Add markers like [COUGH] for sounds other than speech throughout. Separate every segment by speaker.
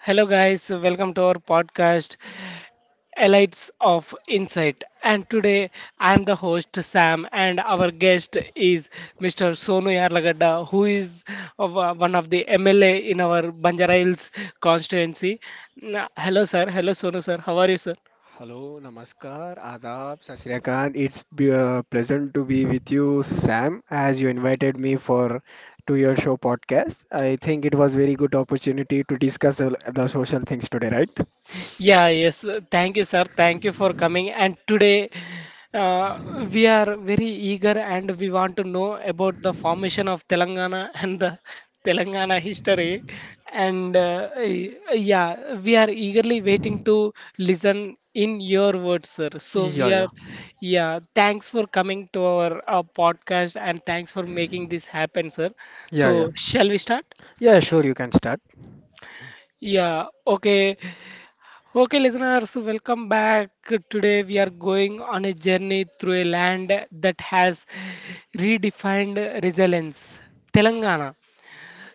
Speaker 1: Hello, guys, welcome to our podcast, Elites of Insight. And today I am the host, Sam, and our guest is Mr. Sonu Yarlagadda, who is one of the MLA in our Banjara Hills constituency. Hello, sir. Hello, Sonu, sir. How are you, sir?
Speaker 2: Hello, Namaskar, Aadaab, Sarsikan. It's a pleasant to be with you, Sam, as you invited me for to your show podcast. I think it was very good opportunity to discuss the social things today, right?
Speaker 1: Yeah, yes. Thank you, sir. Thank you for coming. And today, uh, we are very eager and we want to know about the formation of Telangana and the [LAUGHS] Telangana history. And yeah, we are eagerly waiting to listen in your words, sir. So
Speaker 2: Yeah,
Speaker 1: we are,
Speaker 2: yeah,
Speaker 1: yeah, thanks for coming to our podcast and thanks for making this happen, sir.
Speaker 2: yeah.
Speaker 1: So, shall we start?
Speaker 2: Yeah, sure. You can start.
Speaker 1: Yeah, okay. Okay, listeners, welcome back. Today we are going on a journey through a land that has redefined resilience, Telangana.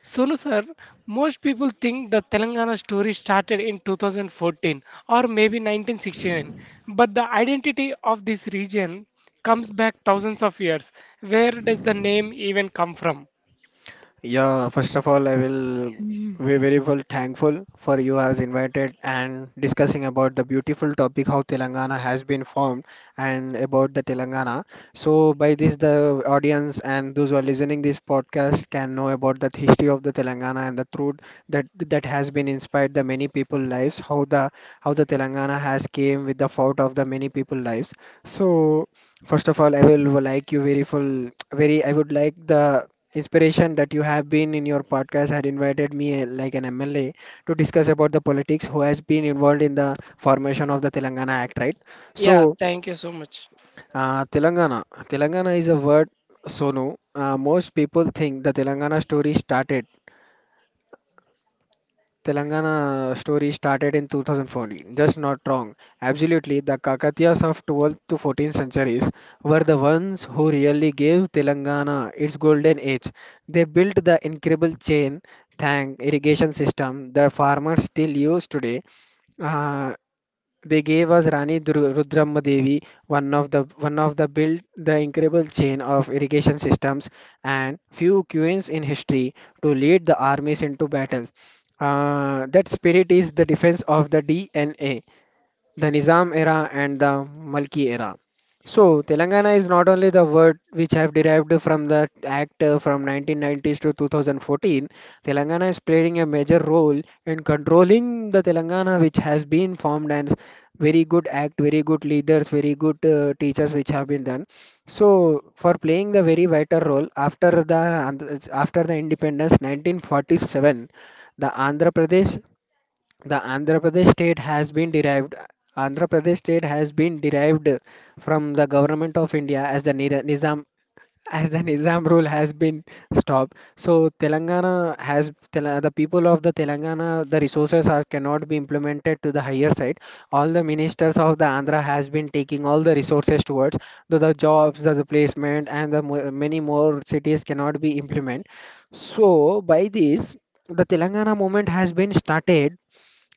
Speaker 1: Sonu sir, most people think the Telangana story started in 2014 or maybe 1969, but the identity of this region comes back thousands of years. Where does the name even come from?
Speaker 2: Yeah, first of all, I will
Speaker 1: Mhm.
Speaker 2: be very well thankful for you as invited and discussing about the beautiful topic how Telangana has been formed and about the Telangana. So by this, the audience and those who are listening this podcast can know about the history of the Telangana and the truth that has been inspired the many people lives. How the Telangana has came with the fault of the many people lives. So first of all, I will like you very full, very. I would like the inspiration that you have been in your podcast had invited me like an MLA to discuss about the politics who has been involved in the formation of the Telangana Act, right?
Speaker 1: Yeah,
Speaker 2: So,
Speaker 1: thank you so much.
Speaker 2: uh, Telangana, Telangana is a word so no. Most people think the Telangana story started in 2014. Just not wrong. Absolutely, the Kakatiyas of 12th to 14th centuries were the ones who really gave Telangana its golden age. They built the incredible chain tank irrigation system that farmers still use today. Uh, they gave us Rudramma Devi, one of the built the incredible chain of irrigation systems and few queens in history to lead the armies into battle. That spirit is the defense of the DNA the Nizam era and the Malki era. So, Telangana is not only the word which I have derived from the act from 1990s to 2014. Telangana is playing a major role in controlling the Telangana, which has been formed and very good act, very good leaders, very good teachers which have been done. So, for playing the very vital role after the after the independence 1947, the Andhra Pradesh the Andhra Pradesh state has been derived Andhra Pradesh state has been derived from the government of India as the Nizam as the [LAUGHS] Nizam rule has been stopped. So Telangana has the people of the Telangana the resources are cannot be implemented to the higher side. All the ministers of the Andhra has been taking all the resources towards the jobs, the placement, and the many more cities cannot be implemented. So by this the Telangana movement has been started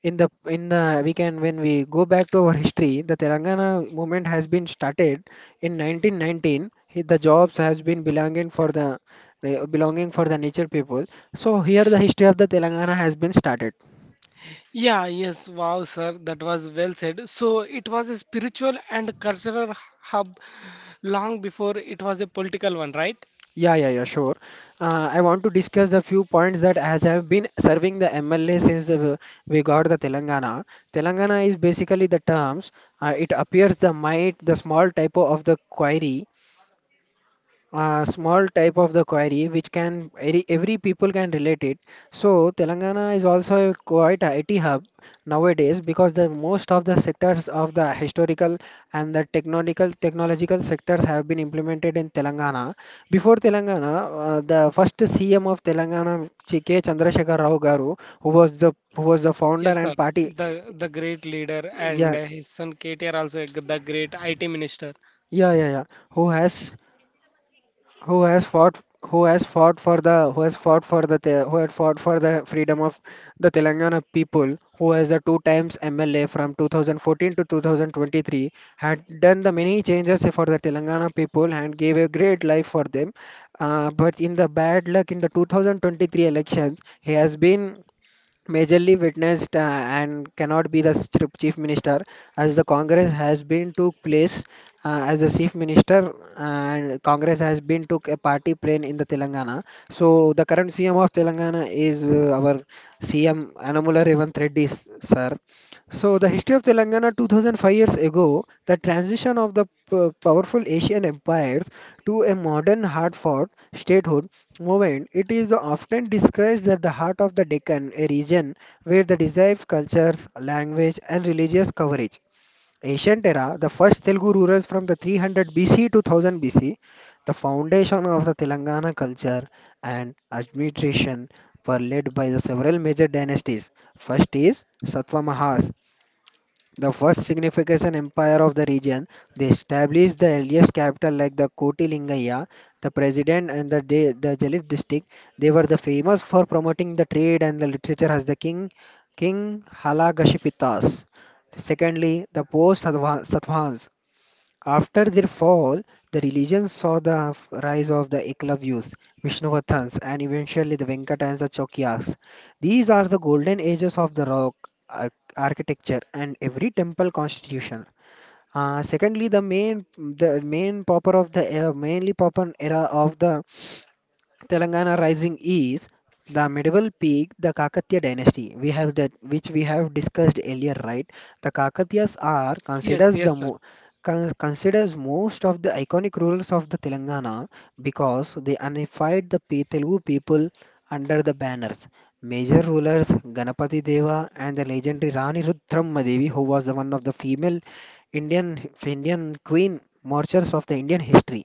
Speaker 2: in the in the we can when we go back to our history the Telangana movement has been started in 1919 the jobs has been belonging for the nature people. So here the history of the Telangana has been started.
Speaker 1: Yeah, yes, wow, sir, that was well said. So it was a spiritual and cultural hub long before it was a political one, right?
Speaker 2: Yeah, yeah, yeah, sure. I want to discuss the few points that as I have been serving the MLA since we got the Telangana. Telangana is basically the terms. It appears the might the small typo of the query, small type of the query which can every people can relate it. So Telangana is also quite a IT hub nowadays because the most of the sectors of the historical and the technological sectors have been implemented in Telangana before Telangana. The first CM of Telangana, K. Chandrasekhar Rao garu, who was the founder
Speaker 1: Yes, sir.
Speaker 2: and party.
Speaker 1: The great leader and
Speaker 2: yeah
Speaker 1: uh, his son KTR also the great IT minister.
Speaker 2: yeah yeah yeah Who has who has fought who has fought for the who has fought for the Te- who had fought for the freedom of the Telangana people, who has the two times MLA from 2014 to 2023, had done the many changes for the Telangana people and gave a great life for them. But in the bad luck in the 2023 elections he has been majorly witnessed and cannot be the chief minister as the Congress has been took place as the chief minister and Congress has been took a party plane in the Telangana. So the current CM of Telangana is our CM Anamula Revanth Reddy sir. So the history of Telangana 2005 years ago, the transition of the powerful Asian empires to a modern hard fought statehood movement. It is the often described as the heart of the Deccan, a region where the derived cultures, language, and religious coverage. Ancient era, the first Telugu rulers from the 300 BC to 1000 BC, the foundation of the Telangana culture and administration were led by the several major dynasties. First is Satvamahas, the first significant empire of the region, they established the earliest capital like the Koti Lingayya, the president and the Jalit district. They were the famous for promoting the trade and the literature as the king, King Halagashi Pitas. Secondly, the post Satvans. After their fall, the religion saw the rise of the Eklavyas, Vishnavathans, and eventually the Venkatans and Chokyas. These are the golden ages of the rock ar- architecture and every temple constitution. Secondly, the main proper era of the Telangana Rising is the medieval peak, the Kakatiya dynasty. We have that which we have discussed earlier, right? The Kakatiyas are
Speaker 1: Yes,
Speaker 2: considers
Speaker 1: yes, sir.
Speaker 2: considers most of the iconic rulers of the Telangana because they unified the Telugu people under the banners. Major rulers Ganapati Deva and the legendary Rani Rudrammadevi, who was the one of the female Indian Indian queen marchers of the Indian history.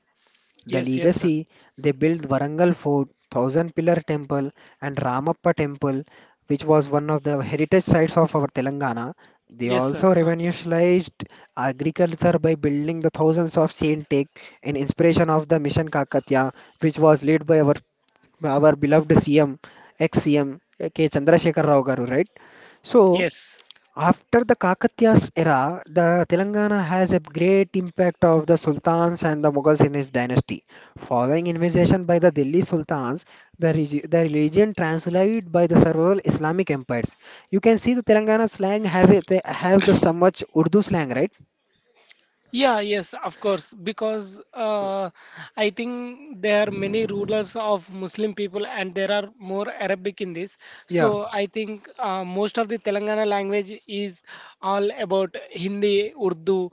Speaker 2: The
Speaker 1: Yes, yes, sir.
Speaker 2: legacy they built Varangal Fort, Thousand Pillar Temple, and Ramappa Temple, which was one of the heritage sites of our Telangana. They
Speaker 1: Yes, sir.
Speaker 2: also
Speaker 1: Absolutely.
Speaker 2: revolutionized agriculture by building the thousands of Saint in inspiration of the Mission Kakatya, which was led by our beloved CM, ex-CM K. Chandrasekhar Rao garu, right? So,
Speaker 1: Yes.
Speaker 2: after the Kakatiyas era, the Telangana has a great impact of the sultans and the Mughals in his dynasty. Following invasion by the Delhi sultans, the religion translated by the several Islamic empires. You can see the Telangana slang have it, they have the so much Urdu slang, right?
Speaker 1: Yeah, yes, of course, because I think there are many rulers of Muslim people and there are more Arabic in this.
Speaker 2: Yeah.
Speaker 1: So I think most of the Telangana language is all about Hindi, Urdu,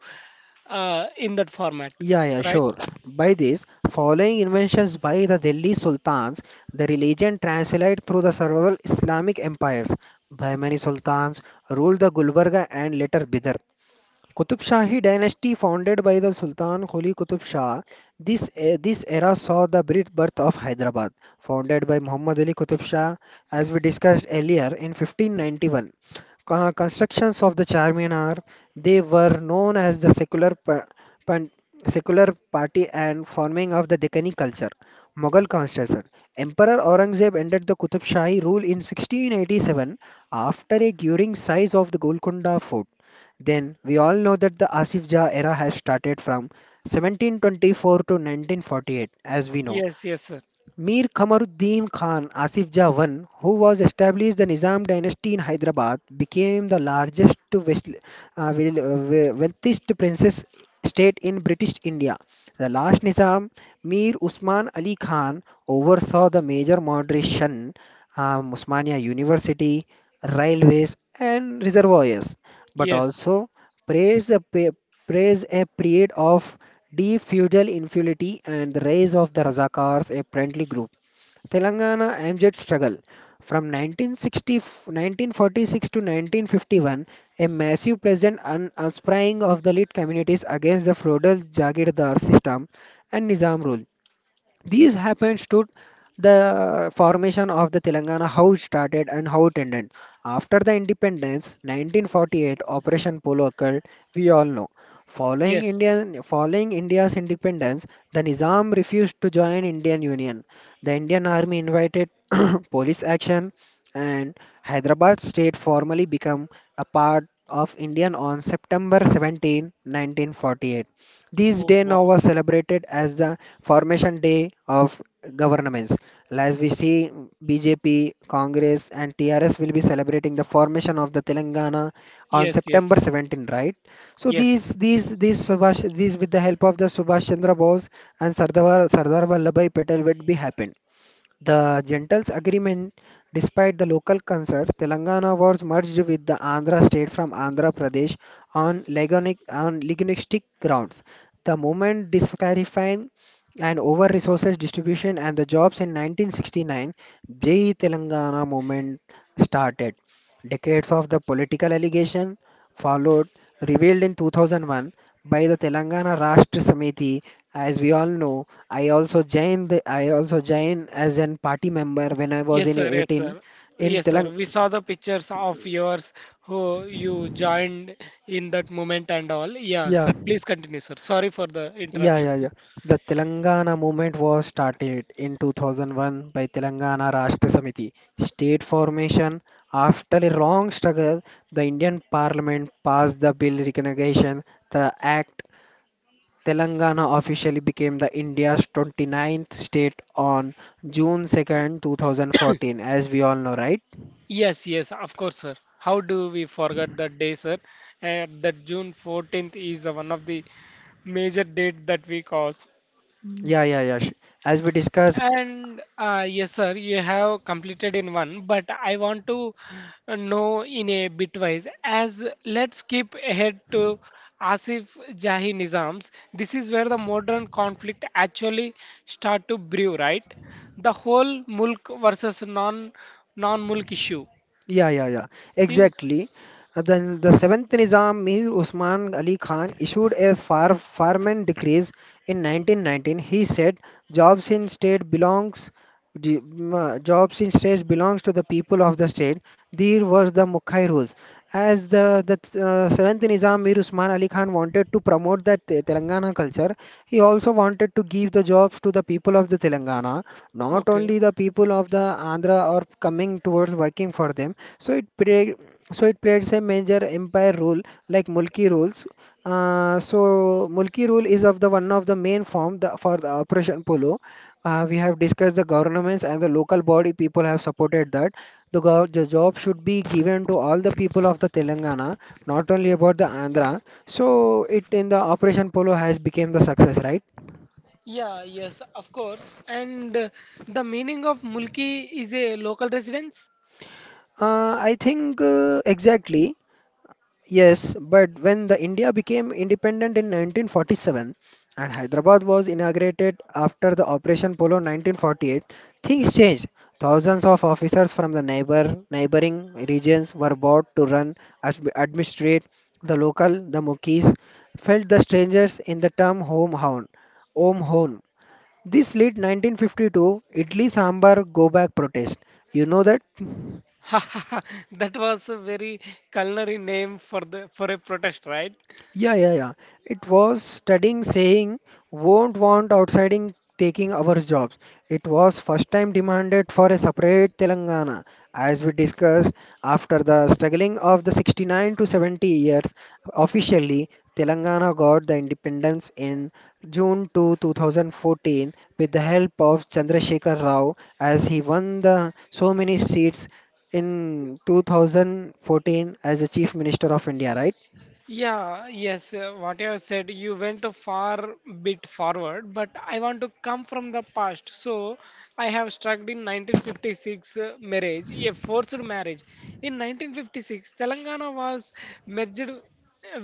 Speaker 1: in that format,
Speaker 2: Yeah, yeah,
Speaker 1: right?
Speaker 2: sure. By this, following inventions by the Delhi sultans, the religion translated through the several Islamic empires. Bahmani sultans ruled the Gulbarga and later Bidar. Qutub Shahi dynasty founded by the Sultan Quli Qutub Shah. This era saw the birth of Hyderabad, founded by Muhammad Ali Qutub Shah, as we discussed earlier in 1591. Constructions of the Charminar, they were known as the pan- secular party and forming of the Deccani culture. Mughal constitution. Emperor Aurangzeb ended the Qutub Shahi rule in 1687 after a curing siege of the Golconda Fort. Then we all know that the Asif Jah era has started from 1724 to 1948, as we know.
Speaker 1: Yes, yes, sir.
Speaker 2: Mir Kamaruddin Khan Asif Jah I, who was established the Nizam dynasty in Hyderabad, became the largest to west, wealthiest princess state in British India. The last Nizam, Mir Usman Ali Khan, oversaw the major moderation, Usmania University, railways, and reservoirs, but
Speaker 1: Yes,
Speaker 2: also praised a, pa- praised a period of Deep infidelity and the rise of the Razakars, a friendly group. Telangana MZ struggle. From 1946 to 1951, a massive present uprising of the elite communities against the feudal Jagirdar system and Nizam rule. These happens to the formation of the Telangana, how it started and how it ended. After the independence, 1948, Operation Polo occurred, we all know.
Speaker 1: yes.
Speaker 2: Following India's independence, the Nizam refused to join Indian Union. The Indian Army invited [CLEARS THROAT] police action and Hyderabad state formally became a part of Indian on September 17, 1948. This
Speaker 1: Oh,
Speaker 2: day now
Speaker 1: wow.
Speaker 2: was celebrated as the formation day of governments. As we see, BJP, Congress, and TRS will be celebrating the formation of the Telangana on
Speaker 1: Yes,
Speaker 2: September
Speaker 1: yes,
Speaker 2: 17, right? So
Speaker 1: yes.
Speaker 2: these with the help of the Subhash Chandra Bose and Sardar Vallabhai Patel would be happened. The Gentles agreement, despite the local concerns, Telangana was merged with the Andhra state from Andhra Pradesh on, on legalistic grounds. The movement disclarifying and over resources distribution and the jobs in 1969, Jai Telangana movement started. Decades of the political allegation followed, revealed in 2001 by the Telangana Rashtra Samiti, as we all know. I also joined as an party member when I was
Speaker 1: Yes,
Speaker 2: in
Speaker 1: sir. Yes,
Speaker 2: 18
Speaker 1: sir.
Speaker 2: in
Speaker 1: Yes, sir.
Speaker 2: Telang.
Speaker 1: We saw the pictures of yours who you joined in that moment and all. Yeah,
Speaker 2: yeah
Speaker 1: sir. Please continue, sir. Sorry for the
Speaker 2: yeah yeah
Speaker 1: interruption, sir.
Speaker 2: yeah The Telangana movement was started in 2001 by Telangana Rashtra Samiti state formation. After a long struggle, the Indian Parliament passed the bill recognition the act. Telangana officially became the India's 29th state on June 2nd 2014, as we all know, right?
Speaker 1: Yes, yes, of course, sir. How do we forget that day, sir? And that June 14th is the one of the major date that we cause.
Speaker 2: Yeah, yeah, yeah. sh- As we discussed,
Speaker 1: And yes, sir, you have completed in one, but I want to know in a bitwise. As let's skip ahead to Asif Jahi Nizams. This is where the modern conflict actually start to brew, right? The whole mulk versus non-mulk issue.
Speaker 2: yeah, yeah, yeah,
Speaker 1: Yeah.
Speaker 2: exactly. Then the seventh Nizam, Mir Usman Ali Khan, issued a farman decrees in 1919. He said, jobs in state belongs the jobs in states belongs to the people of the state. There was the Mukhai rules. As the seventh Nizam Mir Usman Ali Khan wanted to promote the Telangana culture, he also wanted to give the jobs to the people of the Telangana, not
Speaker 1: Okay.
Speaker 2: only the people of the Andhra are coming towards working for them. So it plays a major empire role like Mulki rules. So Mulki rule is of the one of the main form for the Operation Polo. We have discussed the governments and the local body people have supported that the job should be given to all the people of the Telangana, not only about the Andhra. So it in the Operation Polo has become the success, right?
Speaker 1: Yeah, yes, of course. And the meaning of mulki is a local residence?
Speaker 2: I think exactly. Yes, but when the India became independent in 1947 and Hyderabad was inaugurated after the Operation Polo 1948, things changed. Thousands of officers from the neighboring regions were bought to run as administrate the local. The Mukees felt the strangers in the term home hound, home. This led 1952 Idli Sambar go back protest. You know that?
Speaker 1: [LAUGHS] That was a very culinary name for the for a protest, right?
Speaker 2: Yeah, yeah, yeah. It was studying saying won't want outsiding taking our jobs. It was first time demanded for a separate Telangana. As we discussed, after the struggling of the 69 to 70 years, officially Telangana got the independence in June to 2014 with the help of Chandrasekhar Rao as he won the so many seats in 2014 as the Chief Minister of India, right?
Speaker 1: Yeah, yes, what you have said, you went a far bit forward, but I want to come from the past. So, I have struck in 1956 marriage, a forced marriage. In 1956, Telangana was merged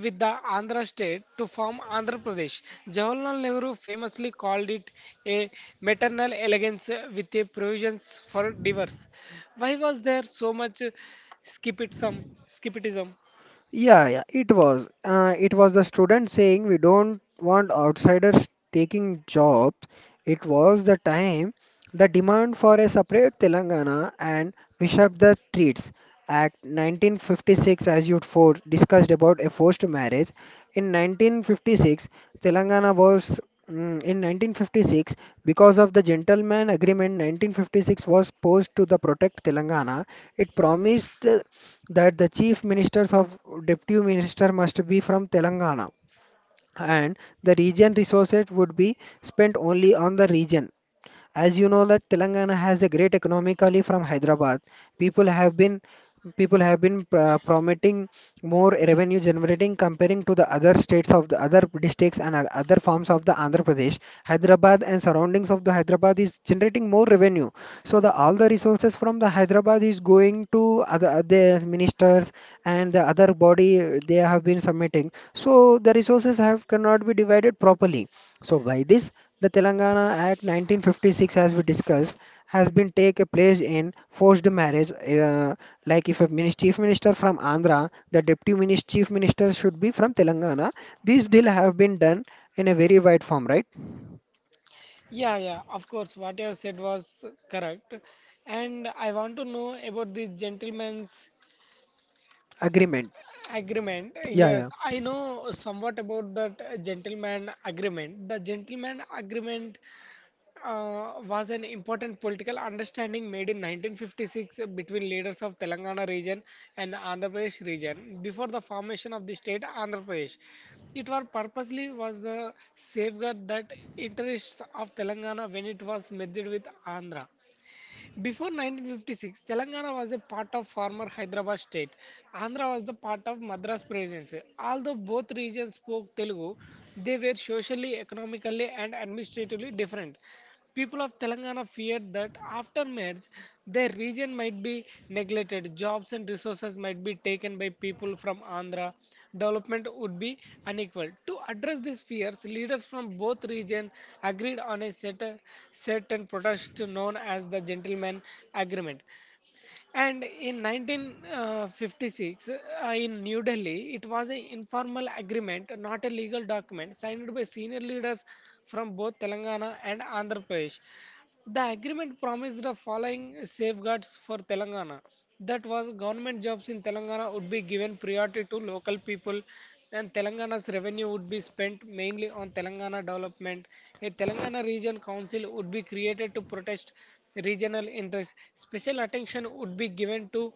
Speaker 1: with the Andhra state to form Andhra Pradesh. Jawaharlal Nehru famously called it a maternal elegance with a provisions for divorce. Why was there so much Skipitism.
Speaker 2: Yeah, yeah, it was. It was the student saying we don't want outsiders taking jobs. It was the time, the demand for a separate Telangana, and we shut the streets. Act 1956, as you for discussed about a forced marriage. In 1956, Telangana was in 1956 because of the gentleman agreement 1956 was posed to the protect Telangana. It promised that the chief ministers of deputy minister must be from Telangana and the region resources would be spent only on the region, as you know that Telangana has a great economically from Hyderabad. People have been people have been promoting more revenue generating comparing to the other states of the other districts and other farms of the Andhra Pradesh. Hyderabad and surroundings of the Hyderabad is generating more revenue. So the all the resources from the Hyderabad is going to other the ministers and the other body they have been submitting. So the resources have cannot be divided properly. So by this, the Telangana Act 1956, as we discussed, has been take a place in forced marriage. Like if a chief minister from Andhra, the chief minister should be from Telangana. These deal have been done in a very wide form, right?
Speaker 1: Yeah, yeah, of course, what you have said was correct. And I want to know about the gentleman's
Speaker 2: Agreement.
Speaker 1: agreement.
Speaker 2: Yeah, yeah.
Speaker 1: Yes, I know somewhat about that gentleman agreement. The gentleman agreement was an important political understanding made in 1956 between leaders of Telangana region and Andhra Pradesh region before the formation of the state Andhra Pradesh. It was purposely was the safeguard that interests of Telangana when it was merged with Andhra. Before 1956, Telangana was a part of former Hyderabad state. Andhra was the part of Madras Presidency. Although both regions spoke Telugu, they were socially, economically, and administratively different. People of Telangana feared that after marriage, their region might be neglected, jobs and resources might be taken by people from Andhra, development would be unequal. To address these fears, leaders from both regions agreed on a set and protest known as the Gentleman Agreement. And in 1956, in New Delhi, it was an informal agreement, not a legal document, signed by senior leaders from both Telangana and Andhra Pradesh. The agreement promised the following safeguards for Telangana. That was government jobs in Telangana would be given priority to local people and Telangana's revenue would be spent mainly on Telangana development. A Telangana region council would be created to protect regional interests. Special attention would be given to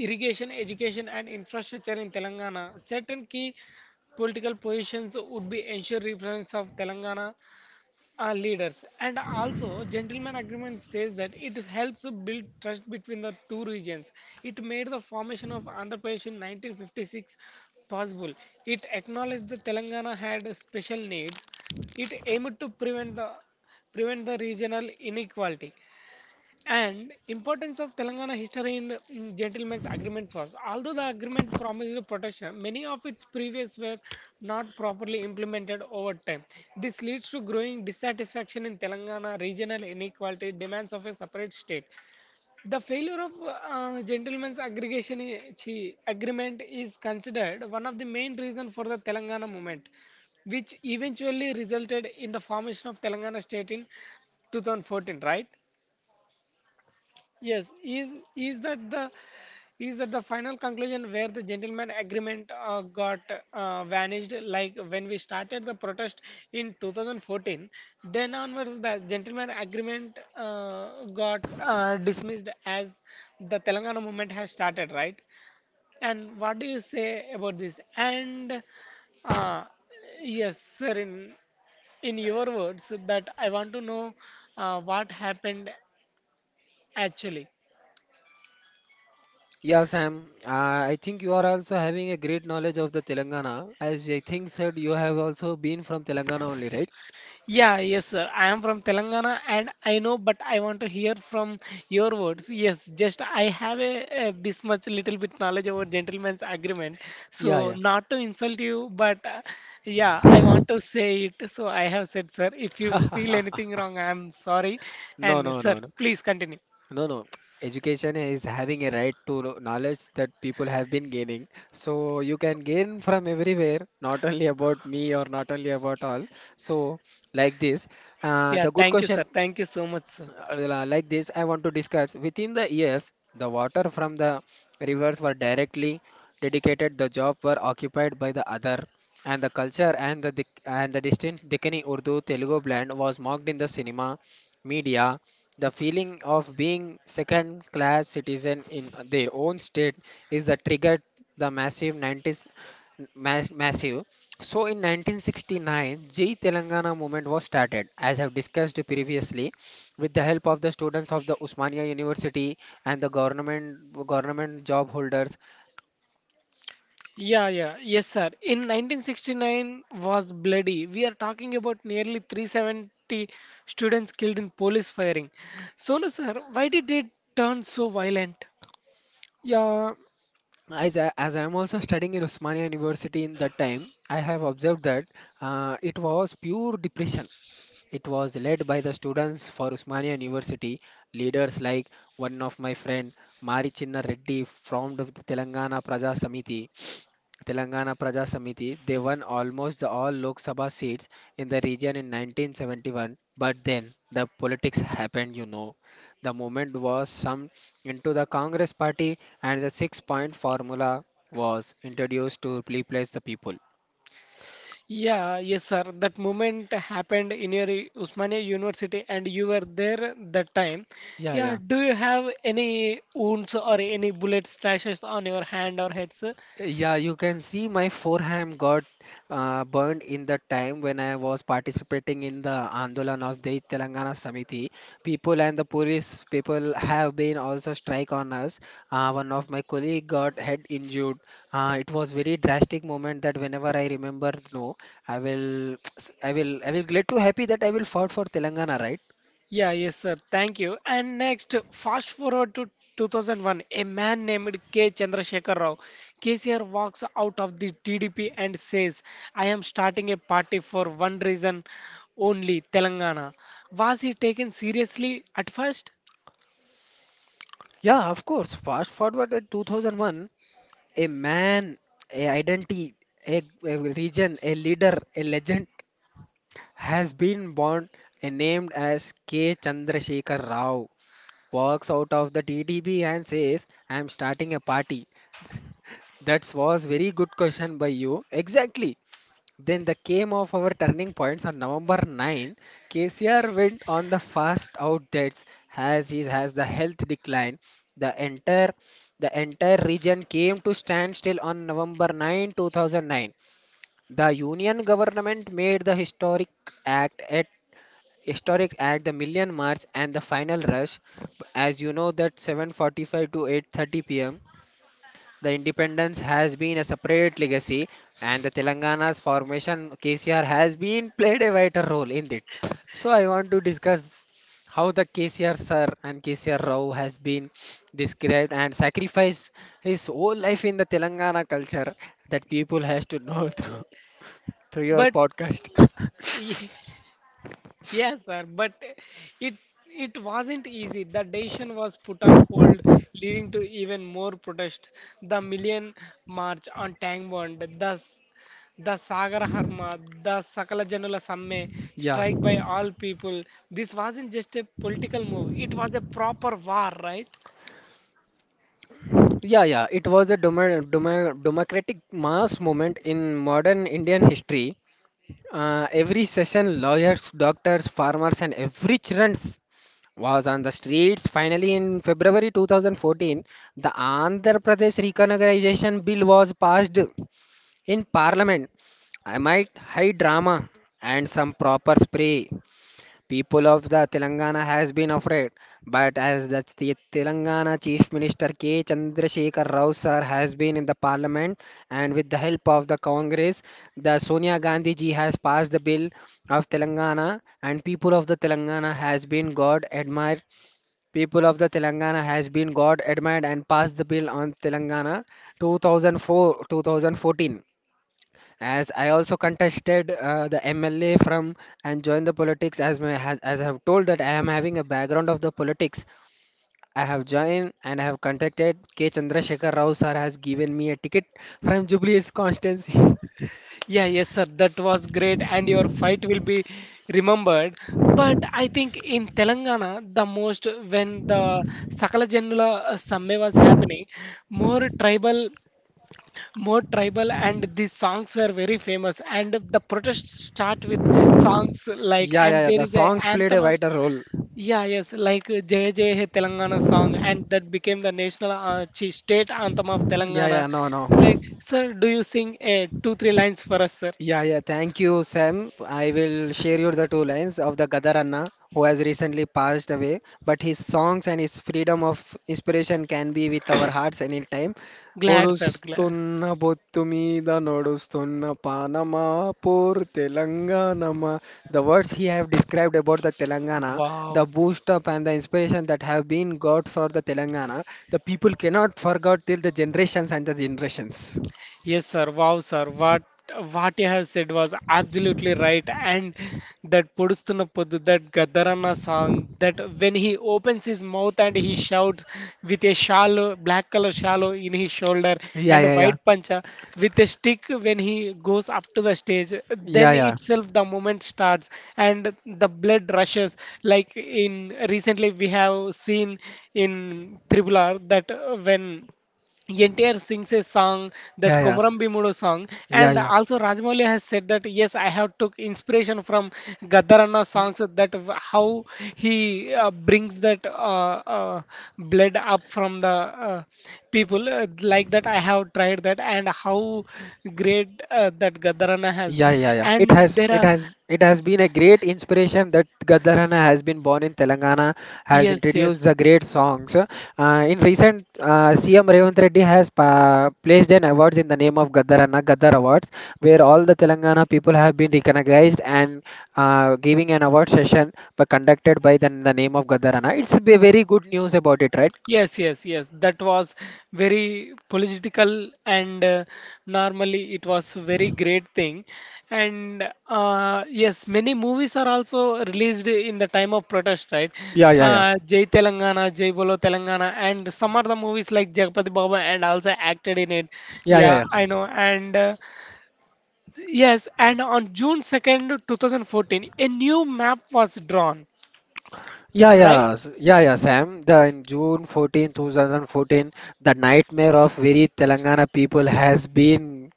Speaker 1: irrigation, education and infrastructure in Telangana. Certain key political positions would be ensured representatives of Telangana leaders. And also, gentleman agreement says that it helps build trust between the two regions. It made the formation of Andhra Pradesh in 1956 possible. It acknowledged that Telangana had special needs. It aimed to prevent the regional inequality and importance of telangana history in gentlemen's agreement was, although the agreement promised protection, many of its previous were not properly implemented over time. This leads to growing dissatisfaction in telangana, regional inequality, demands of a separate state. The failure of gentlemen's agreement is considered one of the main reasons for the telangana movement, which eventually resulted in the formation of telangana state in 2014, right? Yes, is that the is that the final conclusion where the gentleman agreement got vanished? Like when we started the protest in 2014, then onwards the gentleman agreement got dismissed as the Telangana movement has started, right? And what do you say about this? And uh, yes, sir, in your words, that I want to know what happened actually.
Speaker 2: Yeah, Sam, I think you are also having a great knowledge of the Telangana. As I think said, you have also been from Telangana only, right?
Speaker 1: Yeah, yes, sir. I am from Telangana and I know, but I want to hear from your words. Yes, just I have a, this much little bit knowledge about gentleman's agreement.
Speaker 2: Yeah,
Speaker 1: So,
Speaker 2: yeah.
Speaker 1: not to insult you, but yeah, I want to say it. So, I have said, sir, if you feel
Speaker 2: [LAUGHS]
Speaker 1: anything wrong, I am sorry.
Speaker 2: No,
Speaker 1: And,
Speaker 2: no,
Speaker 1: sir,
Speaker 2: no, no.
Speaker 1: please continue.
Speaker 2: No, no. [TSK] Education is having a right to knowledge that people have been gaining. So you can gain from everywhere, not only about me or not only about all. So like this,
Speaker 1: Yeah,
Speaker 2: the good
Speaker 1: thank you, sir.
Speaker 2: question.
Speaker 1: Thank you so much, sir.
Speaker 2: Like this, I want to discuss within the years the water from the rivers were directly dedicated, the job were occupied by the other, and the culture and the distinct Deccani Urdu Telugu blend was mocked in the cinema media. The feeling of being second class citizen in their own state is the triggered the massive 90s massive. So in 1969, J. Telangana movement was started. As I've discussed previously, with the help of the students of the Usmania University and the government job holders.
Speaker 1: Yeah, yeah, yes, sir. In 1969 was bloody. We are talking about nearly 370 students killed in police firing. So, no, sir, why did it turn so violent?
Speaker 2: Yeah, as I am also studying in Usmania University in that time, I have observed that it was pure depression. It was led by the students for Usmania University. Leaders like one of my friend Mari Chinna Reddy from the Telangana Praja Samiti, they won almost the all Lok Sabha seats in the region in 1971. But then the politics happened, you know. The movement was summed into the Congress party, and the six-point formula was introduced to replace the people.
Speaker 1: Yeah, yes, sir. That moment happened in your Usmania University, and you were there that time.
Speaker 2: Yeah,
Speaker 1: Yeah,
Speaker 2: yeah.
Speaker 1: do you have any wounds or any bullet slashes on your hand or head, sir?
Speaker 2: Yeah, you can see my forehand got burned in the time when I was participating in the Andolan of the Telangana Samiti. People and the police people have been also strike on us. One of my colleague got head injured. It was very drastic moment that whenever I remember, no, I will, [TSK] I will get too happy that I will fought for Telangana, right?
Speaker 1: Yeah, yes, sir. Thank you. And next, fast forward to 2001, a man named K. Chandrasekhar Rao. KCR walks out of the TDP and says, I am starting a party for one reason only, Telangana. Was he taken seriously at first?
Speaker 2: Yeah, of course. Fast forward at 2001. A man, a identity, a region, a leader, a legend has been born and named as K. Chandrasekhar Rao. Walks out of the TDB and says, I am starting a party. That was very good question by you. Exactly. Then the came of our turning points on November 9th, KCR went on the fast out debts as he has the health decline. The entire the entire region came to standstill on November 9th, two thousand 9, 2009. The Union government made the act at historic act the Million March and the final rush. As you know that 7:45 to 8:30 p.m. The independence has been a separate legacy, and the Telangana's formation, KCR has been played a vital role in it. So I want to discuss how the KCR sir and KCR Rao has been described and sacrificed his whole life in the Telangana culture that people has to know [LAUGHS] through your
Speaker 1: But
Speaker 2: podcast. [LAUGHS]
Speaker 1: Ye- [LAUGHS] yes, sir, but it it wasn't easy. The decision was put on hold, leading to even more protests. The Million March on Tank Bond, thus the Sagar Harma, the Sakala Janula Samme,
Speaker 2: Yeah,
Speaker 1: strike by all people. This wasn't just a political move, it was a proper war, right?
Speaker 2: yeah, yeah. It was a democratic mass movement in modern Indian history. Every session, lawyers, doctors, farmers, and every children was on the streets. Finally, in February 2014, the Andhra Pradesh Recognization Bill was passed in Parliament. I might high drama and some proper spray. People of the Telangana has been afraid, but as the Telangana Chief Minister K. Chandrasekhar Rao sir has been in the Parliament and with the help of the Congress, the Sonia Gandhi ji has passed the bill of Telangana and people of the Telangana has been God admired. People of the Telangana has been God admired and passed the bill on Telangana 2004-2014. As I also contested the MLA from and joined the politics as my, as I have told that I am having a background of the politics. I have joined and I have contacted K. Chandrasekhar Rao sir has given me a ticket from Jubilee's constancy. [LAUGHS]
Speaker 1: Yeah, yes, sir, that was great, and your fight will be remembered. But I think in Telangana, the most when the Sakala Janula Samme was happening, more tribal more tribal and these songs were very famous and the protests start with songs like,
Speaker 2: yeah, yeah,
Speaker 1: and
Speaker 2: yeah.
Speaker 1: there
Speaker 2: The
Speaker 1: is a
Speaker 2: songs played a
Speaker 1: anthem of.
Speaker 2: vital role.
Speaker 1: Yeah, yes, like Jai Jai Hai Telangana song, and that became the national state anthem of
Speaker 2: Yeah,
Speaker 1: Telangana.
Speaker 2: yeah, no, no.
Speaker 1: Like, sir, do you sing a two, three lines for us, sir?
Speaker 2: Yeah, yeah. Thank you, Sam. I will share you the two lines of the Gadaranna, who has recently passed away. But his songs and his freedom of inspiration can be with our hearts anytime.
Speaker 1: Glad, sir, glad.
Speaker 2: పొడుస్తున్న బొత్తు మీద నడుస్తున్న పానమా పూర్ తెలంగాణమా. The words he have described about the Telangana, the
Speaker 1: Wow,
Speaker 2: boost up and the inspiration that have been got for the Telangana, the people cannot forget till the generations and the generations.
Speaker 1: yes, sir. Wow, sir. What you have said was absolutely right. And that Podustuna Poddu, that Gadarana song, that when he opens his mouth and he shouts with a shawl, black color shawl in his shoulder
Speaker 2: Yeah,
Speaker 1: and a
Speaker 2: yeah, yeah.
Speaker 1: white pancha with a stick when he goes up to the stage,
Speaker 2: Yeah,
Speaker 1: then
Speaker 2: yeah.
Speaker 1: itself the moment starts and the blood rushes. Like in recently we have seen in Tribular that when Yentier sings a song,
Speaker 2: Yeah,
Speaker 1: that
Speaker 2: yeah.
Speaker 1: Komaram Bimudu song,
Speaker 2: Yeah,
Speaker 1: and
Speaker 2: yeah.
Speaker 1: also Rajmouli has said that yes, I have took inspiration from Gaddaranna
Speaker 2: Y-
Speaker 1: songs that how he brings that uh, blood up from the people like that. I have tried that, and how great that Gaddaranna has,
Speaker 2: Yeah, yeah, yeah.
Speaker 1: and there are
Speaker 2: It has been a great inspiration that Gaddarana has been born in Telangana, has
Speaker 1: yes,
Speaker 2: introduced
Speaker 1: yes.
Speaker 2: the great songs. In recent, CM Revant Reddy has pa placed an awards in the name of Gaddarana, Gaddar Awards, where all the Telangana people have been recognized and giving an award session, but conducted by the name of Gaddarana. It's a very good news about it, right?
Speaker 1: Yes, yes, yes. That was very political, and normally it was very great thing. And yes, many movies are also released in the time of protest, right?
Speaker 2: Yeah, yeah, yeah.
Speaker 1: Jai Telangana, Jai Bolo Telangana, and some are the movies like Jagpati Baba and also acted in it.
Speaker 2: Yeah, yeah,
Speaker 1: Yeah, I
Speaker 2: yeah.
Speaker 1: know. And yes, and on June 2nd, 2014, a new map was drawn, right?
Speaker 2: Yeah, yeah, Sam. The in June 14th, two thousand 14, 2014, the nightmare of very Telangana people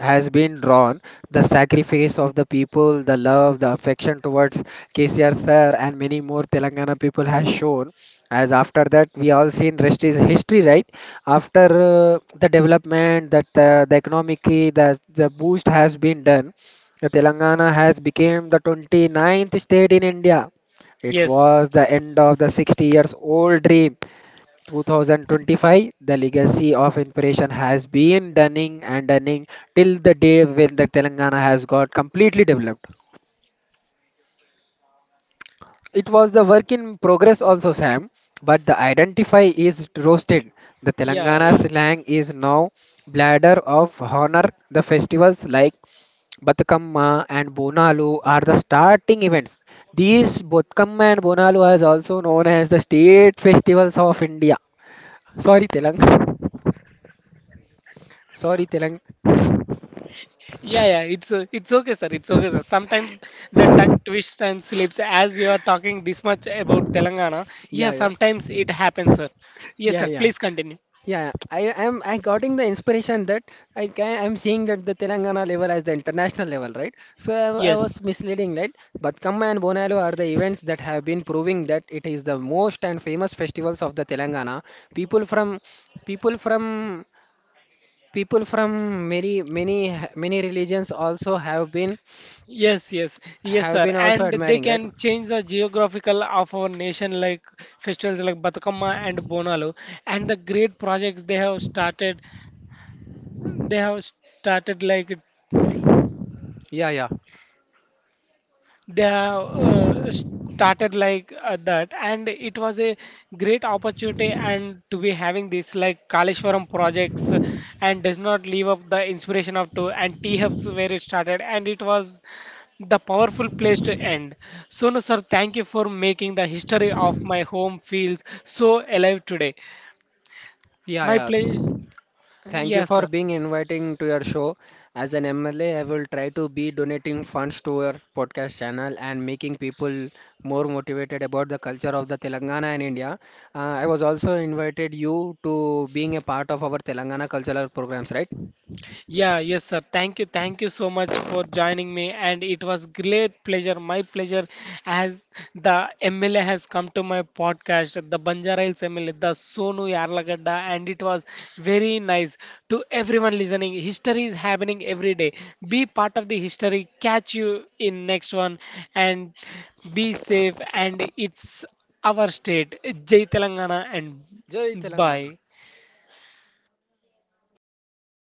Speaker 2: has been drawn, the sacrifice of the people, the love, the affection towards KCR sir, and many more Telangana people has shown. As after that, we all seen rest is history, right? After the development, that the economic, the boost has been done. The Telangana has become the twenty ninth state in India. It
Speaker 1: Yes.
Speaker 2: was the end of the 60 years old dream 2025, the legacy of inspiration has been dunning and dunning till the day when the Telangana has got completely developed. It was the work in progress also, Sam, but the identify is roasted. The
Speaker 1: Yeah,
Speaker 2: Telangana
Speaker 1: yeah.
Speaker 2: slang is now bladder of honor. The festivals like Batkamma and Bonalu are the starting events. These Batkamma and Bonalu is also known as the state festivals of India. Sorry, Telangana. Sorry, Telang.
Speaker 1: Yeah, yeah, it's okay, sir. It's okay, sir. Sometimes the tongue twists and slips as you are talking this much about Telangana. Yeah,
Speaker 2: Yeah, yeah.
Speaker 1: sometimes it happens, sir. Yes, sir. Please continue. Yes, yes, sir. And they can change the geographical of our nation, like festivals like Batukamma and Bonalu, and the great projects they have started. They have started like They have started like that, and it was a great opportunity and to be having this like Kaleshwaram projects and does not leave up the inspiration of to and T hubs where it started, and it was the powerful place to end. So, no, sir, thank you for making the history of my home feels so alive today. My play, yes, sir. Yeah, yes, sir. Thank you. Thank you so much for joining me. And it was great pleasure, my pleasure, as the MLA has come to my podcast, the Banjara Hills MLA, the Sonu Yarlagadda. And it was very nice to everyone listening. History is happening every day. Be part of the history. Catch you in next one. And be safe. And it's our state. Jai Telangana and bye.